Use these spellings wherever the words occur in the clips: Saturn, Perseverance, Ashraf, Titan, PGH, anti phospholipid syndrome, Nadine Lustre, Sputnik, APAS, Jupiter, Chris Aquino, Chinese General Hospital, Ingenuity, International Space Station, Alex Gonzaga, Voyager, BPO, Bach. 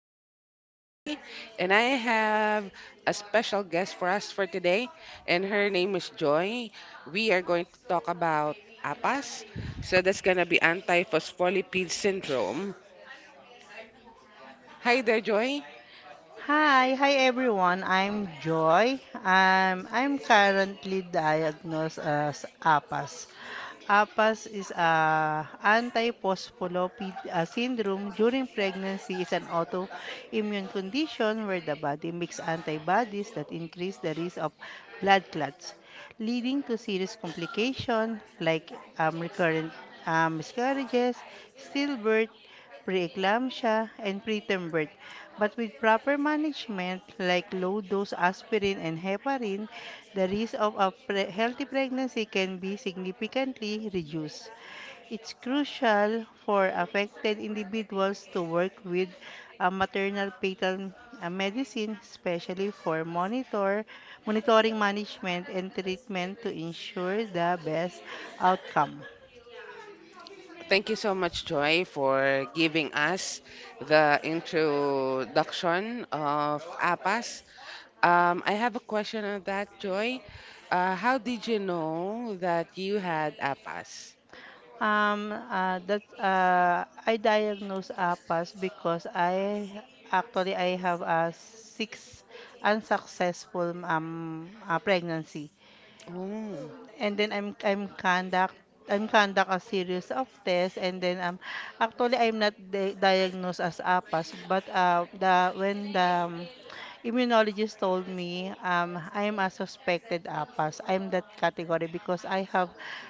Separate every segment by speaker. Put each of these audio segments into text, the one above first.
Speaker 1: This is Mai, and I have a special guest for us for today, and her name is Joy. We are going to talk about APAS, so that's going to be anti phospholipid syndrome. Hi there, Joy.
Speaker 2: Hi, hi everyone. I'm Joy. I'm currently diagnosed as APAS. APAS is a antiphospholipid syndrome during pregnancy is an autoimmune condition where the body makes antibodies that increase the risk of blood clots, leading to serious complications like recurrent miscarriages, stillbirth, preeclampsia, and preterm birth. But with proper management, like low-dose aspirin and heparin, the risk of a healthy pregnancy can be significantly reduced. It's crucial for affected individuals to work with a maternal fetal medicine, especially for monitoring management and treatment to ensure the best outcome.
Speaker 1: Thank you so much, Joy, for giving us the introduction of APAS. I have a question on that, Joy. How did you know that you had APAS?
Speaker 2: That I diagnosed APAS because I actually I have a six unsuccessful pregnancy.
Speaker 1: Oh,
Speaker 2: And then I'm conduct a series of tests, and then actually I'm not diagnosed as APAS, but the when the immunologist told me I am a suspected APAS. I'm that category because I have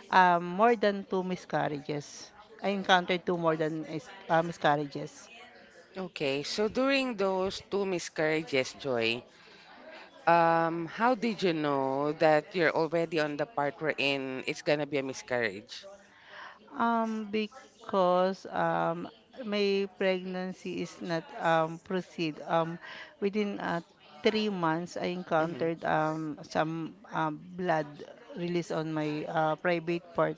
Speaker 2: more than two miscarriages. I encountered two more than miscarriages.
Speaker 1: okay. So during those two miscarriages, Joy, how did you know that you're already on the part wherein it's gonna be a miscarriage?
Speaker 2: Because my pregnancy is not proceed. Within 3 months, I
Speaker 1: Mhm.
Speaker 2: encountered some blood release on my private part.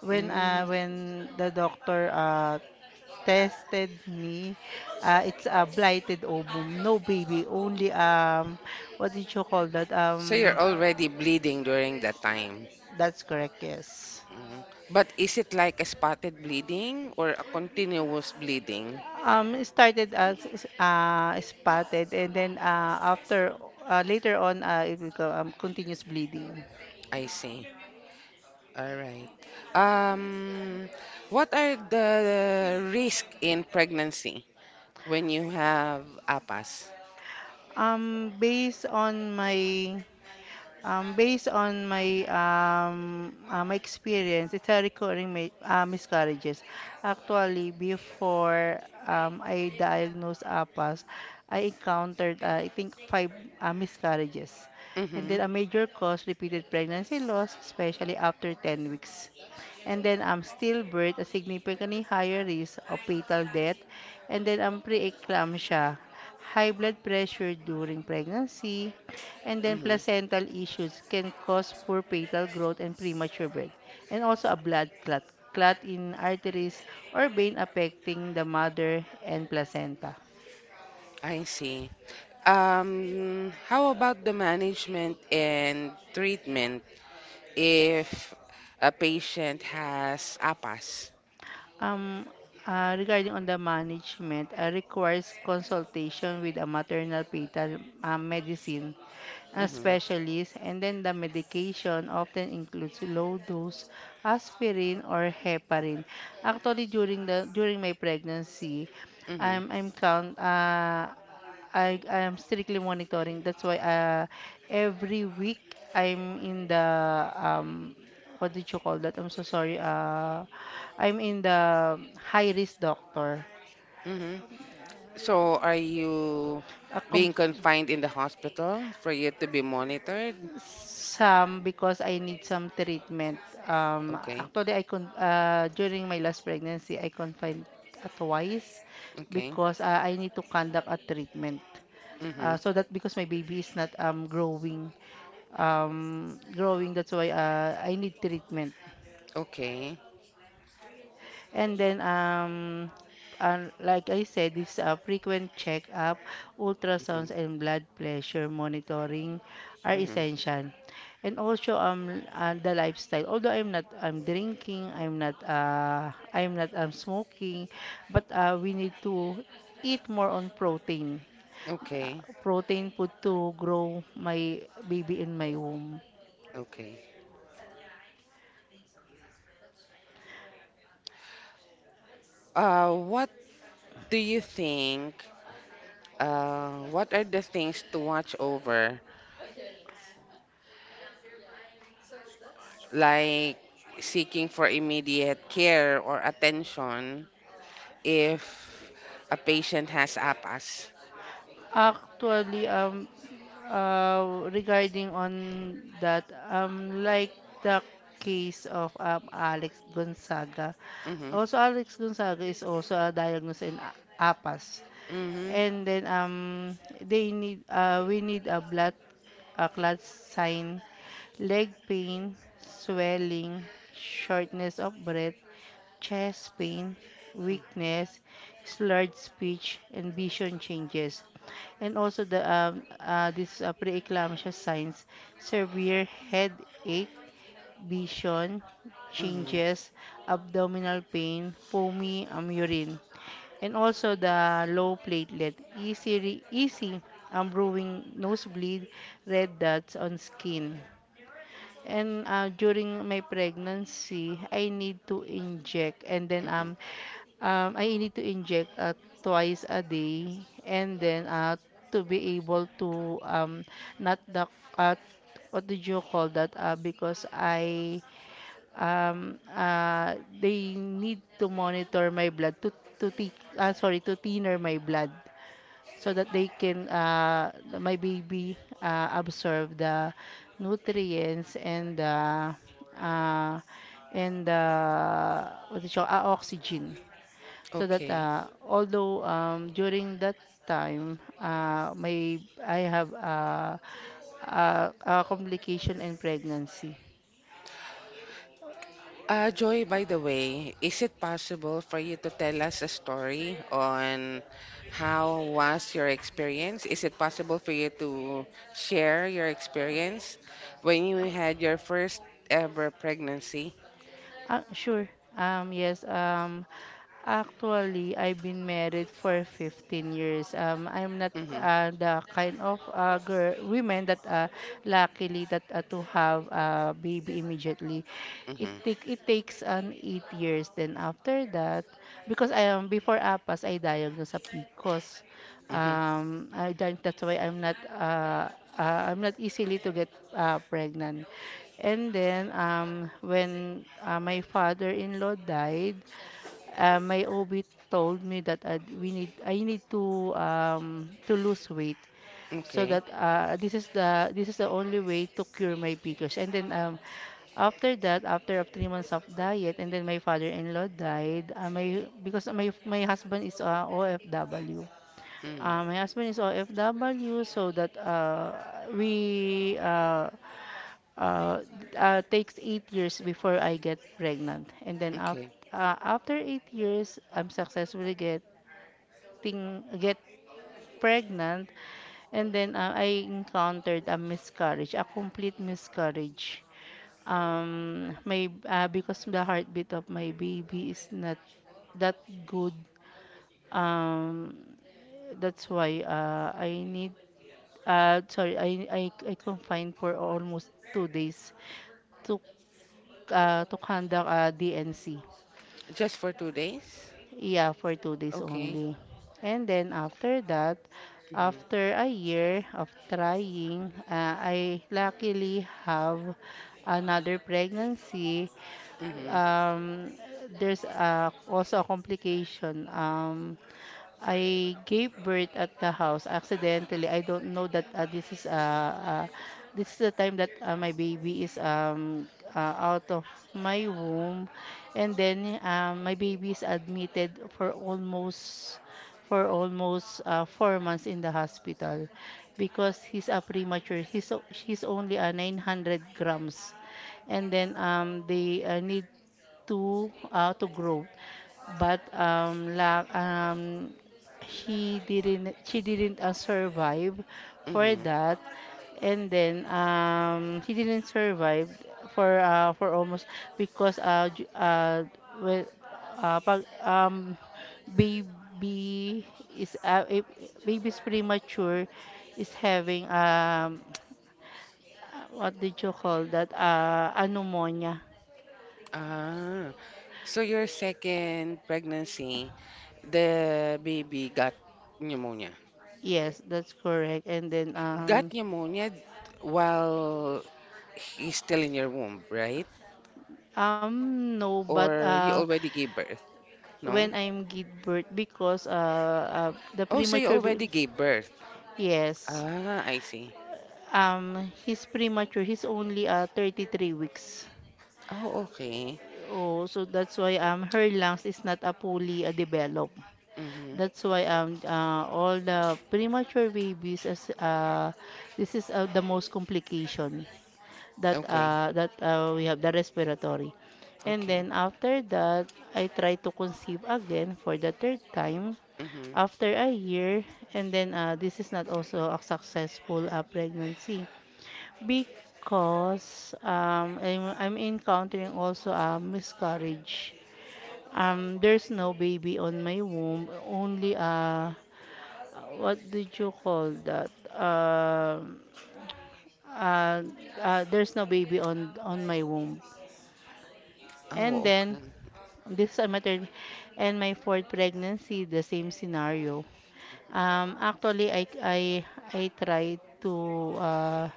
Speaker 2: When uh,
Speaker 1: Mm.
Speaker 2: when the doctor tested me, it's a blighted ovum, no baby, only what did you call that?
Speaker 1: So you're already bleeding during that time.
Speaker 2: That's correct, yes.
Speaker 1: Mhm. But is it like a spotted bleeding or a continuous bleeding?
Speaker 2: It started as spotted, and then after later on, it will go, continuous bleeding.
Speaker 1: I see. All right. Um, what are the risk in pregnancy when you have APAS?
Speaker 2: Um, based on my Based on my my experience, it's a recurring miscarriages. Actually, before I diagnosed APAS, I encountered I think five miscarriages, and
Speaker 1: Mm-hmm.
Speaker 2: then a major cause repeated pregnancy loss, especially after 10 weeks. And then stillbirth, a significantly higher risk of fetal death, and then preeclampsia, high blood pressure during pregnancy, and then
Speaker 1: Mm-hmm.
Speaker 2: placental issues can cause poor fetal growth and premature birth, and also a blood clot in arteries or vein affecting the mother and placenta.
Speaker 1: I see. How about the management and treatment if a patient has APAS?
Speaker 2: Um, Regarding on the management, requires consultation with a maternal fetal medicine
Speaker 1: Mm-hmm,
Speaker 2: specialist, and then the medication often includes low dose aspirin or heparin. Actually, during my pregnancy,
Speaker 1: mm-hmm,
Speaker 2: I'm I'm count uh, I I am strictly monitoring. That's why every week I'm in the um, what did you call that? I'm so sorry. I'm in the high risk doctor.
Speaker 1: mm-hmm. So are you
Speaker 2: Uh, com-
Speaker 1: being confined in the hospital for you to be monitored?
Speaker 2: some because I need some treatment.
Speaker 1: Okay,
Speaker 2: Actually, during my last pregnancy, I confined twice
Speaker 1: okay,
Speaker 2: because I need to conduct a treatment.
Speaker 1: mm-hmm,
Speaker 2: So that because my baby is not growing, that's why I need treatment.
Speaker 1: okay,
Speaker 2: And then, like I said, this a frequent checkup,
Speaker 1: mm-hmm,
Speaker 2: ultrasounds, and blood pressure monitoring are
Speaker 1: mm-hmm,
Speaker 2: essential. And also, the lifestyle. Although I'm not, I'm drinking, I'm not, I'm not, I'm smoking, but we need to eat more on protein. Uh,
Speaker 1: okay,
Speaker 2: Protein food to grow my baby in my womb.
Speaker 1: okay. What do you think? What are the things to watch over like seeking for immediate care or attention if a patient has APAS.
Speaker 2: Actually, regarding on that, like the case of Alex Gonzaga.
Speaker 1: Mm-hmm.
Speaker 2: Also, Alex Gonzaga is also diagnosed in APAS.
Speaker 1: Mm-hmm.
Speaker 2: And then they need, we need a blood, a clot sign, leg pain, swelling, shortness of breath, chest pain, weakness, slurred speech, and vision changes. And also the this preeclampsia signs, severe headache, vision
Speaker 1: Mm-hmm.
Speaker 2: changes, abdominal pain, foamy urine. And also the low platelet, easy brewing nosebleed, red dots on skin. And during my pregnancy, I need to inject, and then
Speaker 1: Mm-hmm.
Speaker 2: I need to inject twice a day, and then to be able to not the uh, what did you call that? Because I they need to monitor my blood to sorry, to thinner my blood, so that they can my baby absorb the nutrients and the uh, and the what is it called? Uh, oxygen, so that
Speaker 1: Okay.
Speaker 2: although during that time may I have a complication in pregnancy.
Speaker 1: Joy, by the way, is it possible for you to tell us a story on how was your experience? Is it possible for you to share your experience when you had your first ever pregnancy?
Speaker 2: Sure. Yes. Actually, I've been married for 15 years. I'm not
Speaker 1: Mm-hmm.
Speaker 2: the kind of girl, women that luckily that to have a baby immediately. It
Speaker 1: Mm-hmm.
Speaker 2: take it takes an 8 years. Then after that, because I am before APAS, I diagnosed a PCOS.
Speaker 1: Mm-hmm.
Speaker 2: I think that's why I'm not easily to get pregnant. And then when my father-in-law died, my OB told me that we need I need to lose weight, so
Speaker 1: Okay.
Speaker 2: that this is the only way to cure my PCOS. And then after that, after of 3 months of diet, and then my father-in-law died. My because my husband is OFW.
Speaker 1: Mm.
Speaker 2: My husband is OFW, so that we uh, takes 8 years before I get pregnant, and then after
Speaker 1: Okay.
Speaker 2: after 8 years, I'm successfully getting get pregnant, and then I encountered a miscarriage, a complete miscarriage. My because the heartbeat of my baby is not that good. Um, that's why I need sorry, I confined for almost 2 days to to conduct a DNC.
Speaker 1: Just for 2 days?
Speaker 2: Yeah, for 2 days
Speaker 1: Okay.
Speaker 2: only. And then after that,
Speaker 1: Mm-hmm.
Speaker 2: after a year of trying, I luckily have another pregnancy.
Speaker 1: Mm-hmm.
Speaker 2: Um, there's also a complication. I gave birth at the house accidentally. I don't know that this is the time that my baby is out of my womb, and then my baby is admitted for almost 4 months in the hospital because he's a premature. He's only a 900 grams, and then they need to growth, but la he didn't, she didn't survive for
Speaker 1: Mm-hmm.
Speaker 2: that, and then he didn't survive for almost, because well, pag, baby is if- baby's premature is having what did you call that? Uh, a pneumonia.
Speaker 1: Ah. So your second pregnancy, the baby got pneumonia.
Speaker 2: Yes, that's correct. And then
Speaker 1: Got pneumonia while he's still in your womb, right?
Speaker 2: um no, but
Speaker 1: Or you already gave birth? No?
Speaker 2: when I'm give birth because the
Speaker 1: Oh, so you already gave birth.
Speaker 2: yes.
Speaker 1: Ah, I see.
Speaker 2: Um, he's premature. He's only 33 weeks.
Speaker 1: Oh, okay.
Speaker 2: Oh, so that's why her lungs is not fully developed. That's
Speaker 1: Mm-hmm.
Speaker 2: why all the premature babies as this is the most complication. That
Speaker 1: Okay.
Speaker 2: that We have the respiratory. And
Speaker 1: Okay.
Speaker 2: then after that, I try to conceive again for the third time
Speaker 1: Mm-hmm.
Speaker 2: after a year. And then this is not also a successful pregnancy because I'm encountering also a miscarriage. There's no baby on my womb, only what did you call that? Uh, there's no baby on my womb. And
Speaker 1: Oh,
Speaker 2: then,
Speaker 1: okay.
Speaker 2: this is my third and my fourth pregnancy, the same scenario. Actually, I tried to uh,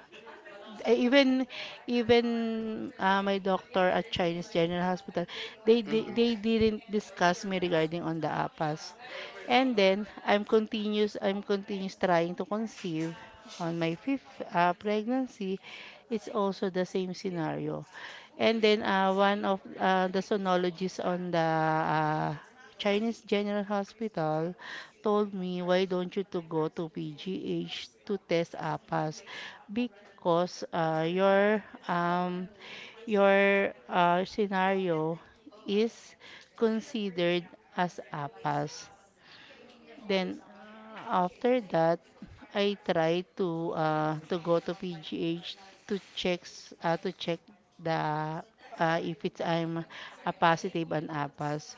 Speaker 2: even even my doctor at Chinese General Hospital,
Speaker 1: Mm-hmm.
Speaker 2: they didn't discuss me regarding on the apas. And then I'm continuous trying to conceive on my fifth pregnancy. It's also the same scenario. And then one of the sonologists on the uh, Chinese General Hospital told me, why don't you to go to PGH to test APAS? Because your scenario is considered as APAS. Then after that, I try to go to PGH to checks to check the if it's I'm a positive and APAS.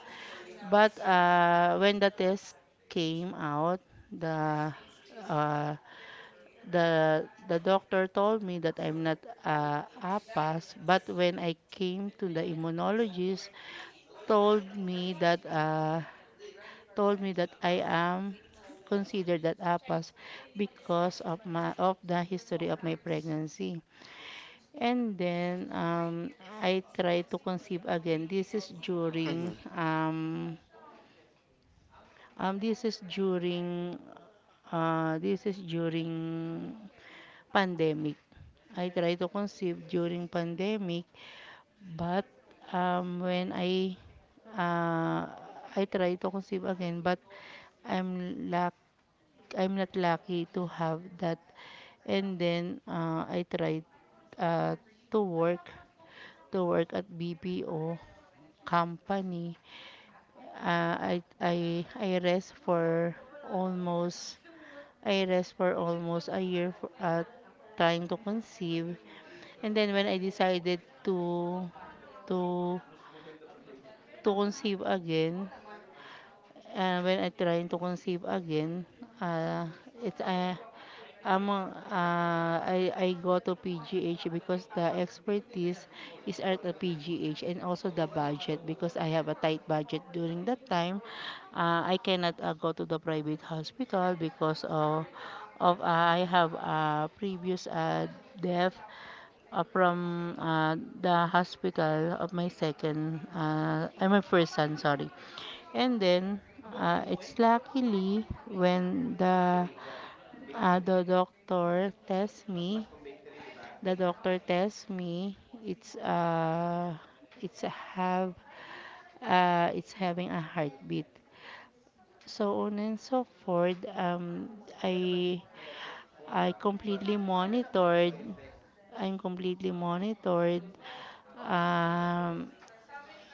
Speaker 2: But when the test came out, the uh, the doctor told me that I'm not APAS, but when I came to the immunologist, told me that uh, told me that I am considered that APAS because of my of the history of my pregnancy. And then I tried to conceive again. This is during
Speaker 1: Mm-hmm.
Speaker 2: this is during this is during pandemic. I tried to conceive during pandemic, but when uh, I tried to conceive again, but I'm luck I'm not lucky to have that. And then I tried uh, to work at BPO company. Uh, I rest for almost I rest for almost a year for, trying to conceive, and then when I decided to to to conceive again, and when I trying to conceive again, uh, it's among I go to PGH because the expertise is at the PGH, and also the budget because I have a tight budget during that time. I cannot go to the private hospital because of I have a previous death from the hospital of my my first son, sorry. And then, it's luckily when the doctor tests me, the doctor tests me, it's uh, it's have it's having a heartbeat. So on and so forth, I I completely monitored. I'm completely monitored, um,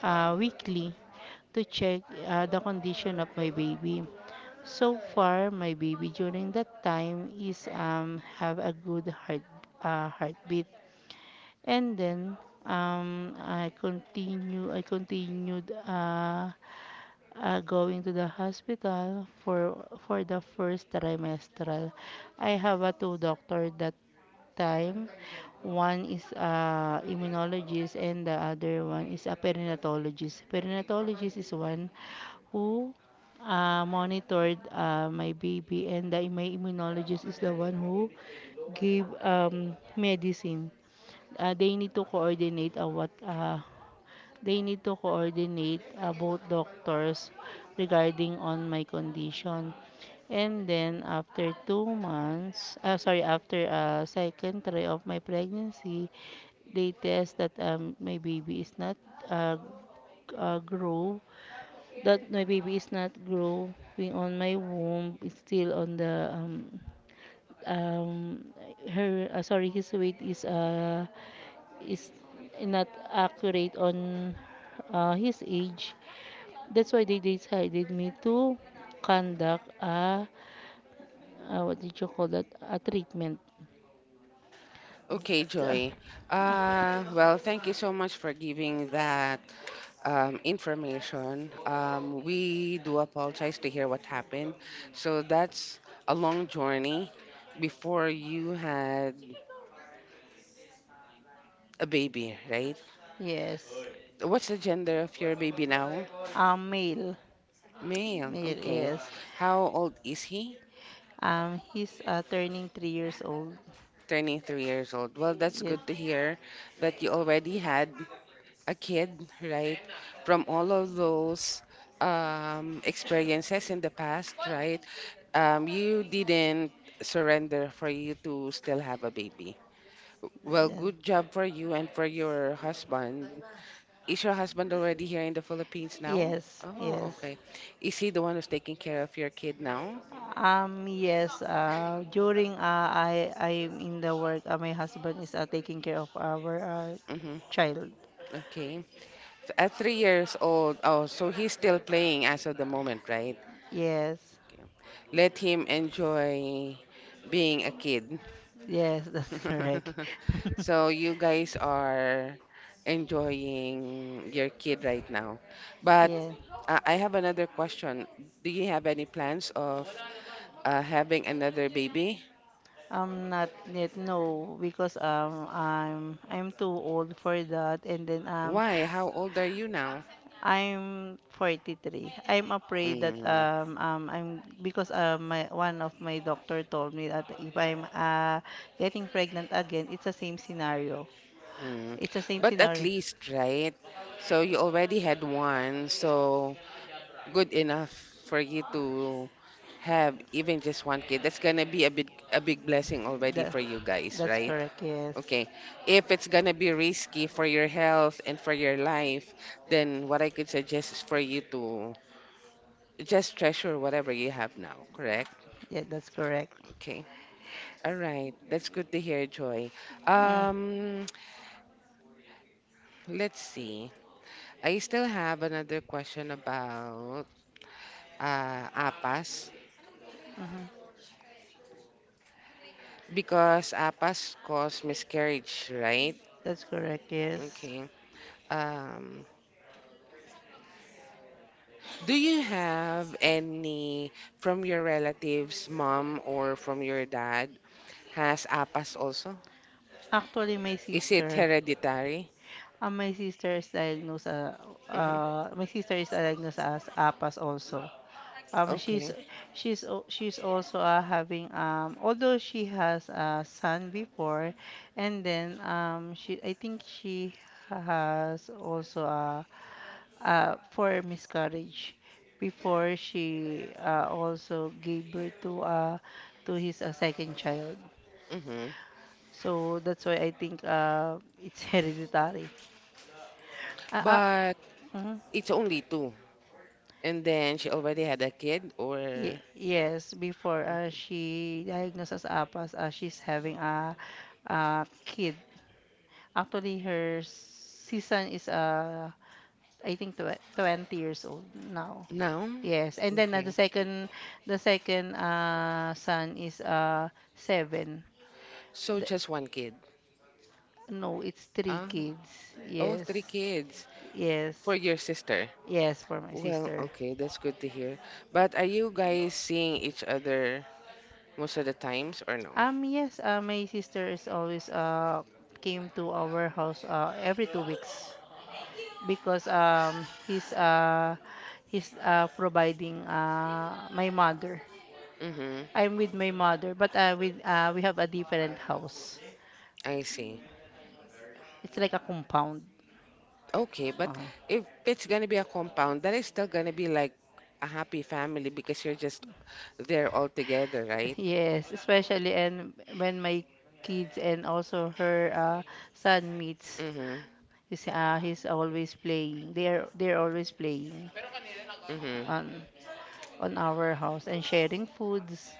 Speaker 2: weekly to check, the condition of my baby. So far, my baby during that time is, have a good heartbeat. And then, I continued, going to the hospital for the first trimestral. I have a two doctor that time. One is, immunologist, and the other one is a perinatologist. Perinatologist is one who, monitored, my baby, and my immunologist is the one who gave, medicine. Uh, They need to coordinate, both doctors regarding on my condition. And then after 2 months, sorry, after, second try of my pregnancy, they test that, my baby is not, uh, g- uh, grow, that my baby is not growing on my womb, it's still on the, um, her, sorry, his weight is not accurate on, his age. That's why they decided me to conduct a, what did you call that? A treatment.
Speaker 1: Okay,
Speaker 2: Uh,
Speaker 1: Joy. Well, thank you so much for giving that information. We do apologize to hear what happened. So that's a long journey before you had a baby, right?
Speaker 2: Yes,
Speaker 1: What's the gender of your baby now?
Speaker 2: male,
Speaker 1: Male.
Speaker 2: male.
Speaker 1: Okay.
Speaker 2: Yes,
Speaker 1: How old is he?
Speaker 2: he's, turning 3 years old.
Speaker 1: Turning 3 years old. Well, that's
Speaker 2: Yes,
Speaker 1: good to hear that you already had a kid, right, from all of those experiences in the past, right, you didn't surrender for you to still have a baby. Well,
Speaker 2: yes,
Speaker 1: good job for you and for your husband. Is your husband already here in the Philippines now?
Speaker 2: yes,
Speaker 1: Oh,
Speaker 2: yes.
Speaker 1: okay. Is he the one who's taking care of your kid now?
Speaker 2: Yes, during, I'm in the work, my husband is, taking care of our,
Speaker 1: Mm-hmm.
Speaker 2: child.
Speaker 1: Okay. At 3 years old, oh, so he's still playing as of the moment, right?
Speaker 2: Yes.
Speaker 1: Okay. Let him enjoy being a kid.
Speaker 2: Yes, that's correct.
Speaker 1: So you guys are enjoying your kid right now. But
Speaker 2: Yeah,
Speaker 1: I have another question. Do you have any plans of having another baby?
Speaker 2: I'm not yet no because, I'm too old for that, and then,
Speaker 1: Why? How old are you now?
Speaker 2: I'm 43. I'm afraid that,
Speaker 1: Mm,
Speaker 2: I'm because my one of my doctor told me that if I'm, getting pregnant again, it's the same scenario.
Speaker 1: mm.
Speaker 2: It's the same
Speaker 1: But at
Speaker 2: scenario.
Speaker 1: least, right? So you already had one, so good enough for you to have even just one kid that's gonna be a big blessing already
Speaker 2: That,
Speaker 1: for you guys,
Speaker 2: that's
Speaker 1: right?
Speaker 2: correct. Yes.
Speaker 1: Okay, if it's gonna be risky for your health and for your life, then what I could suggest is for you to just treasure whatever you have now, correct?
Speaker 2: Yeah, that's correct.
Speaker 1: Okay, all right, that's good to hear, Joy.
Speaker 2: Mm,
Speaker 1: um let's see, I still have another question about APAS.
Speaker 2: mhm.
Speaker 1: Because APAS cause miscarriage, right?
Speaker 2: That's correct. Yes.
Speaker 1: Okay. Um, do you have any from your relatives, mom or from your dad, has APAS also?
Speaker 2: Actually,
Speaker 1: Is it hereditary?
Speaker 2: uh, my sister is diagnosed, uh,
Speaker 1: Hmm.
Speaker 2: my sister is diagnosed as APAS also. Um, she's
Speaker 1: Okay.
Speaker 2: she's also, having, although she has a son before. And then, she I think she has also a, for miscarriage before she, also gave birth to, to his second child.
Speaker 1: Hmm.
Speaker 2: So that's why I think, it's hereditary. Uh, uh,
Speaker 1: But
Speaker 2: mhm.
Speaker 1: it's only two. And then she already had a kid or
Speaker 2: Yes, before,
Speaker 1: Mhm.
Speaker 2: she diagnosed as APAS, she's having a kid. Actually, her season is, I think, 20 years old now.
Speaker 1: now?
Speaker 2: Yes, and then, the
Speaker 1: Okay.
Speaker 2: second, the second uh, son is, seven.
Speaker 1: So
Speaker 2: The,
Speaker 1: just one kid.
Speaker 2: no, it's three
Speaker 1: Ah,
Speaker 2: kids.
Speaker 1: oh, three
Speaker 2: Yes,
Speaker 1: kids for
Speaker 2: yes,
Speaker 1: your sister.
Speaker 2: yes, for my
Speaker 1: Well,
Speaker 2: sister.
Speaker 1: okay, that's good to hear. But are you guys seeing each other most of the times or no?
Speaker 2: Yes, my sister is always, came to our house, every 2 weeks because, he's providing, my mother.
Speaker 1: Mm-hmm.
Speaker 2: I'm with my mother, but, with we have a different house.
Speaker 1: I see.
Speaker 2: It's like a compound.
Speaker 1: Okay, but
Speaker 2: Uh,
Speaker 1: if it's gonna be a compound, that is still gonna be like a happy family because you're just there all together, right?
Speaker 2: yes, especially and when my kids and also her, son meets,
Speaker 1: Mm-hmm.
Speaker 2: he's always playing. They're always playing.
Speaker 1: Mm-hmm.
Speaker 2: Um, on our house and sharing foods,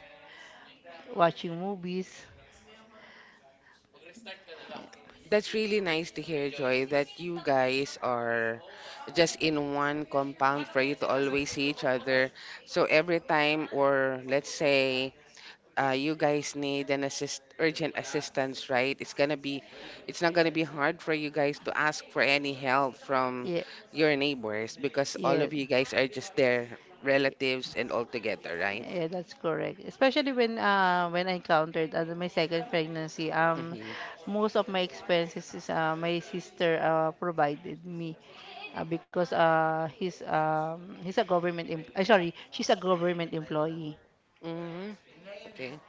Speaker 2: watching movies.
Speaker 1: That's really nice to hear, Joy, that you guys are just in one compound for you to always see each other. So every time, or let's say you guys need an assist urgent assistance, right? It's not gonna be hard for you guys to ask for any help from
Speaker 2: Yeah,
Speaker 1: your neighbors because all
Speaker 2: yeah,
Speaker 1: of you guys are just their relatives and all together, right?
Speaker 2: yeah, that's correct. Especially when I encountered, my second pregnancy,
Speaker 1: Mm-hmm.
Speaker 2: most of my expenses is, my sister, provided me, because, he's a government, sorry, she's a government employee.
Speaker 1: Mm-hmm. Okay.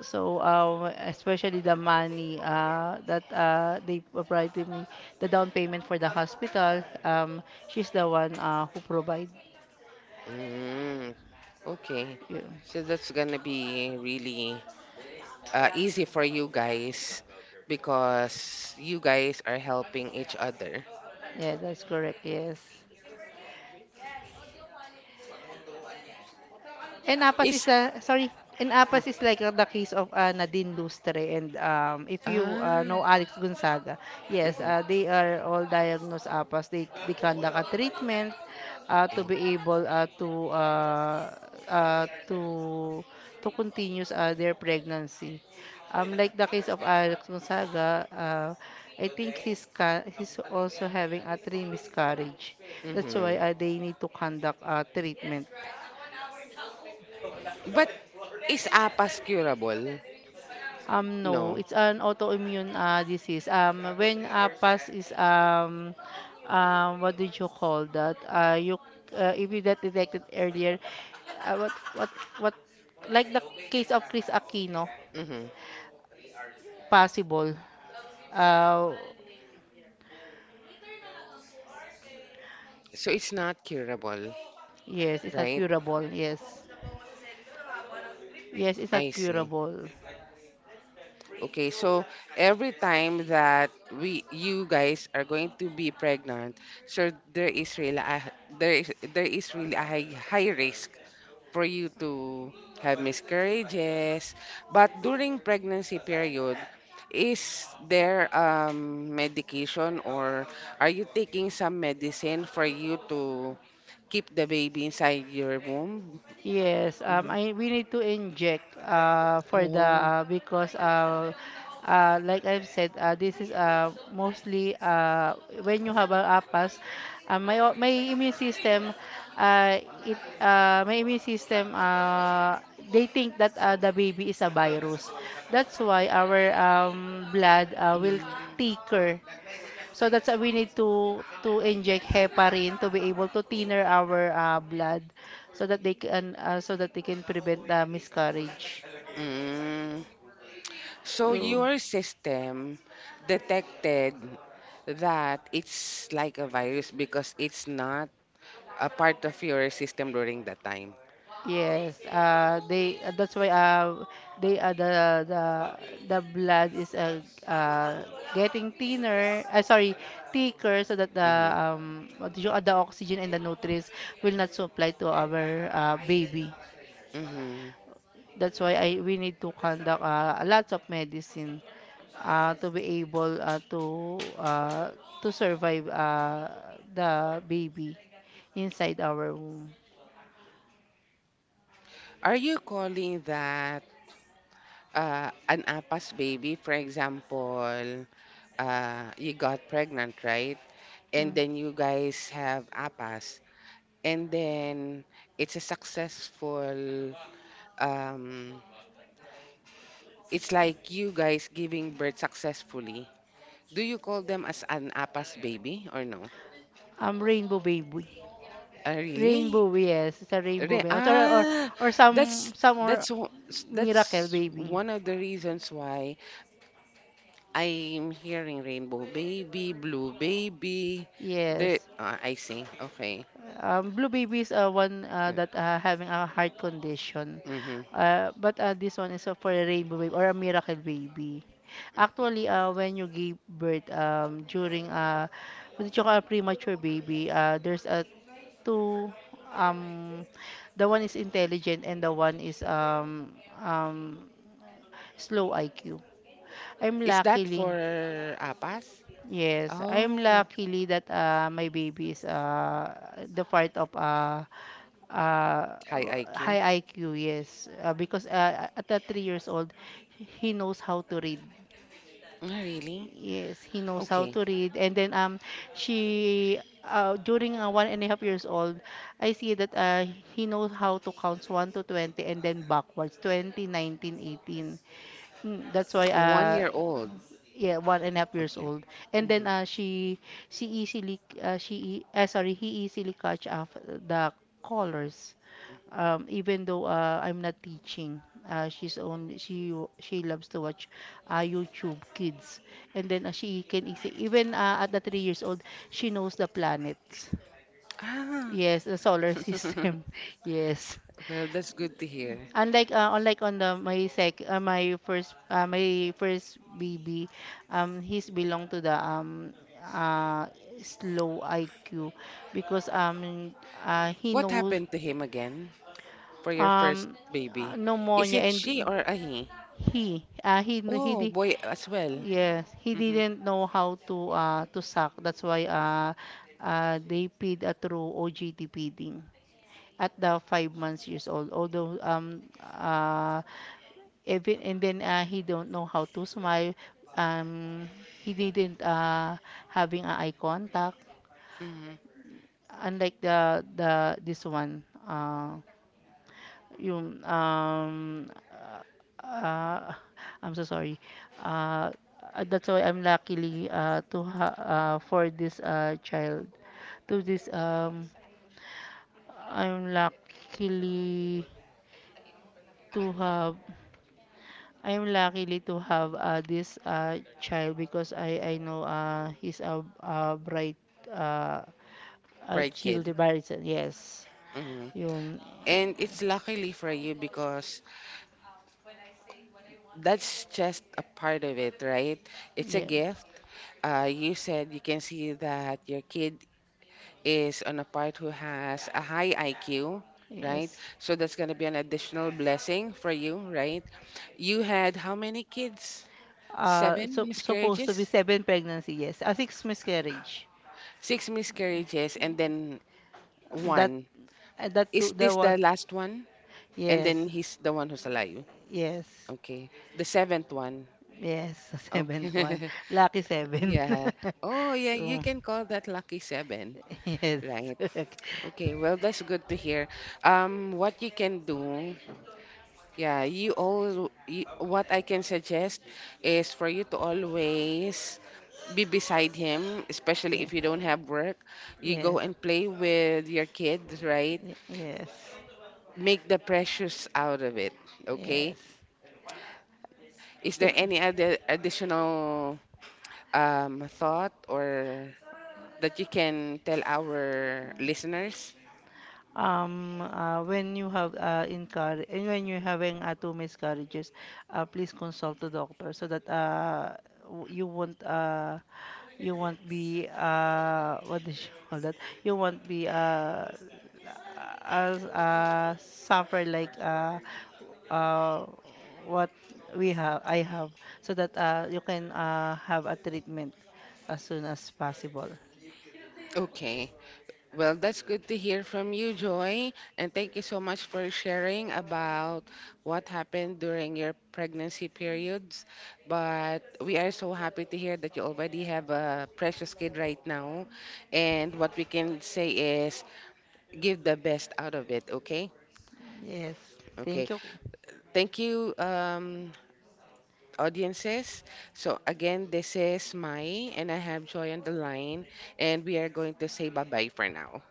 Speaker 2: So, especially the money, that, they provided me, the down payment for the hospital, she's the one, who provided.
Speaker 1: Mm, okay.
Speaker 2: You.
Speaker 1: So that's gonna be really easy for you guys because you guys are helping each other.
Speaker 2: Yeah, that's correct. Yes. Enapas is
Speaker 1: Is
Speaker 2: a, sorry,
Speaker 1: mm,
Speaker 2: Enapas is like the case of, Nadine Lustre, and, if you,
Speaker 1: ah.
Speaker 2: know Alex Gonzaga, yes,
Speaker 1: Mhm.
Speaker 2: they are all diagnosed APAS. They conduct a treatment, to be able, uh, to to continue, their pregnancy. Like the case of Alex Gonzaga, I think he's also having a three miscarriage. That's why,
Speaker 1: Mm-hmm.
Speaker 2: they need to conduct a treatment.
Speaker 1: But is APAS curable?
Speaker 2: No,
Speaker 1: No.
Speaker 2: it's an autoimmune, disease. When, PAS is, what did you call that? You if you that detected earlier, uh, what what what like the case of Chris Aquino,
Speaker 1: Mm-hmm.
Speaker 2: possible. Uh,
Speaker 1: So it's not curable,
Speaker 2: yes, it's not
Speaker 1: right?
Speaker 2: curable. Yes, yes, it's
Speaker 1: I
Speaker 2: not
Speaker 1: see.
Speaker 2: curable.
Speaker 1: Okay, so every time that we you guys are going to be pregnant, so there is really a, there is really a high, high risk for you to have miscarriages. But during pregnancy period, is there medication or are you taking some medicine for you to keep the baby inside your womb?
Speaker 2: Yes,
Speaker 1: Mhm.
Speaker 2: I we need to inject, for the,
Speaker 1: Oh.
Speaker 2: because, like I've said, this is, mostly, when you have a APAS, my immune system, it my immune system, they think that, the baby is a virus. That's why our, blood, will
Speaker 1: Mm.
Speaker 2: thicker, so that's why we need to inject heparin to be able to thinner our, blood, so that they can, so that they can prevent the miscarriage.
Speaker 1: Mm. So
Speaker 2: You
Speaker 1: your system detected that it's like a virus because it's not a part of your system during that time.
Speaker 2: yes, they that's why, they uh, the the the blood is, getting thinner. Sorry, thicker, so that the,
Speaker 1: Mm-hmm.
Speaker 2: the oxygen and the nutrients will not supply to our, baby.
Speaker 1: Mm-hmm.
Speaker 2: That's why I we need to conduct, lots of medicine, to be able, to survive, the baby inside our womb.
Speaker 1: Are you calling that an APAS baby? For example, you got pregnant, right? And
Speaker 2: Mm.
Speaker 1: then you guys have APAS, and then it's a successful. Um, it's like you guys giving birth successfully. Do you call them as an APAS baby or no?
Speaker 2: Rainbow baby.
Speaker 1: Really?
Speaker 2: Rainbow, yes, it's a rainbow
Speaker 1: Re-
Speaker 2: baby,
Speaker 1: ah,
Speaker 2: or
Speaker 1: that's
Speaker 2: some or
Speaker 1: that's o- s-
Speaker 2: miracle
Speaker 1: that's
Speaker 2: baby.
Speaker 1: one of the reasons why. I'm hearing Rainbow Baby, Blue Baby.
Speaker 2: Yes.
Speaker 1: I see. Okay.
Speaker 2: Blue baby is are one, that, having a heart condition.
Speaker 1: Mm-hmm.
Speaker 2: But, this one is, for a rainbow baby or a miracle baby. Actually, when you give birth, during, what do you call a premature baby, there's a two, um the one is intelligent, and the one is, um slow IQ. I'm
Speaker 1: Is that
Speaker 2: luckily.
Speaker 1: for APAS?
Speaker 2: Yes, I'm
Speaker 1: Oh,
Speaker 2: luckily that, my baby is, the part of, uh,
Speaker 1: high IQ.
Speaker 2: high IQ, yes. Because, at the 3 years old, he knows how to read.
Speaker 1: Oh, really?
Speaker 2: Yes, he knows how
Speaker 1: Okay.
Speaker 2: to read. And then, she during, 1.5 years old, I see that, he knows how to count 1 to 20, and then backwards, 20, 19 18. Mm, that's why,
Speaker 1: One year old.
Speaker 2: yeah, 1.5 years
Speaker 1: Okay.
Speaker 2: old, and then,
Speaker 1: Mhm.
Speaker 2: she easily, sorry, he easily catch up the colors, even though, I'm not teaching. She's only she w- She loves to watch, YouTube kids, and then, she can easy even, at the 3 years old, she knows the planets,
Speaker 1: Ah.
Speaker 2: yes, the solar system. Yes.
Speaker 1: Well, that's good to hear.
Speaker 2: Unlike on the my first, my first baby, he's belong to the, uh slow IQ because, he
Speaker 1: What
Speaker 2: knows,
Speaker 1: happened to him again for your first
Speaker 2: um
Speaker 1: baby? Is
Speaker 2: pneumonia.
Speaker 1: it she
Speaker 2: And
Speaker 1: or a he?
Speaker 2: he,
Speaker 1: Oh, boy as well.
Speaker 2: yes, he
Speaker 1: Mm-hmm.
Speaker 2: didn't know how to suck. That's why, they feed, through OGT feeding at the 5 months years old. Although, even and then, he don't know how to smile, um he didn't, having a eye contact,
Speaker 1: Mm-hmm.
Speaker 2: unlike the this one. Uh yung uh, I'm so sorry. uh that's why I'm luckily, for this, child. To this I'm luckily to have I am luckily to have, this, child because I know, he's a bright, uh, a
Speaker 1: Bright
Speaker 2: child
Speaker 1: kid.
Speaker 2: barrister. Yes,
Speaker 1: Mm-hmm.
Speaker 2: yun.
Speaker 1: And it's luckily for you because that's just a part of it, right? It's a
Speaker 2: Yeah,
Speaker 1: gift. You said you can see that your kid is on a part who has a high IQ, right?
Speaker 2: yes.
Speaker 1: So that's going to be an additional blessing for you, right? You had how many kids? Seven
Speaker 2: So, supposed to be
Speaker 1: miscarriages?
Speaker 2: seven pregnancy, yes. A six miscarriage.
Speaker 1: Six miscarriages, and then
Speaker 2: That
Speaker 1: one.
Speaker 2: that
Speaker 1: Is
Speaker 2: two, that
Speaker 1: this
Speaker 2: one,
Speaker 1: the last one? And
Speaker 2: yes.
Speaker 1: then he's the one who's alive.
Speaker 2: Yes.
Speaker 1: Okay. The seventh one.
Speaker 2: Yes. Seventh one.
Speaker 1: Okay.
Speaker 2: Lucky seven.
Speaker 1: Yeah. Oh, yeah,
Speaker 2: Oh,
Speaker 1: you can call that lucky seven,
Speaker 2: yes.
Speaker 1: right? Okay, well, that's good to hear. What you can do, yeah, what I can suggest is for you to always be beside him, especially
Speaker 2: Yeah.
Speaker 1: if you don't have work. You go
Speaker 2: Yes.
Speaker 1: and play with your kids, right?
Speaker 2: Yes.
Speaker 1: Make the precious out of it, okay?
Speaker 2: Yes.
Speaker 1: Is there
Speaker 2: Thing.
Speaker 1: any other additional thought or that you can tell our listeners?
Speaker 2: When you have, and when you having, two miscarriages, please consult the doctor, so that, w- you won't uh, you won't be, what do you call that? You won't be, as, suffer like, uh, what we have I have, so that, you can, have a treatment as soon as possible.
Speaker 1: Okay. Well, that's good to hear from you, Joy. And thank you so much for sharing about what happened during your pregnancy periods. But we are so happy to hear that you already have a precious kid right now. And what we can say is give the best out of it, okay?
Speaker 2: Yes.
Speaker 1: Okay.
Speaker 2: Thank you.
Speaker 1: Thank you, audiences. So, again, this is Mai, and I have Joy on the line. And we are going to say bye bye for now.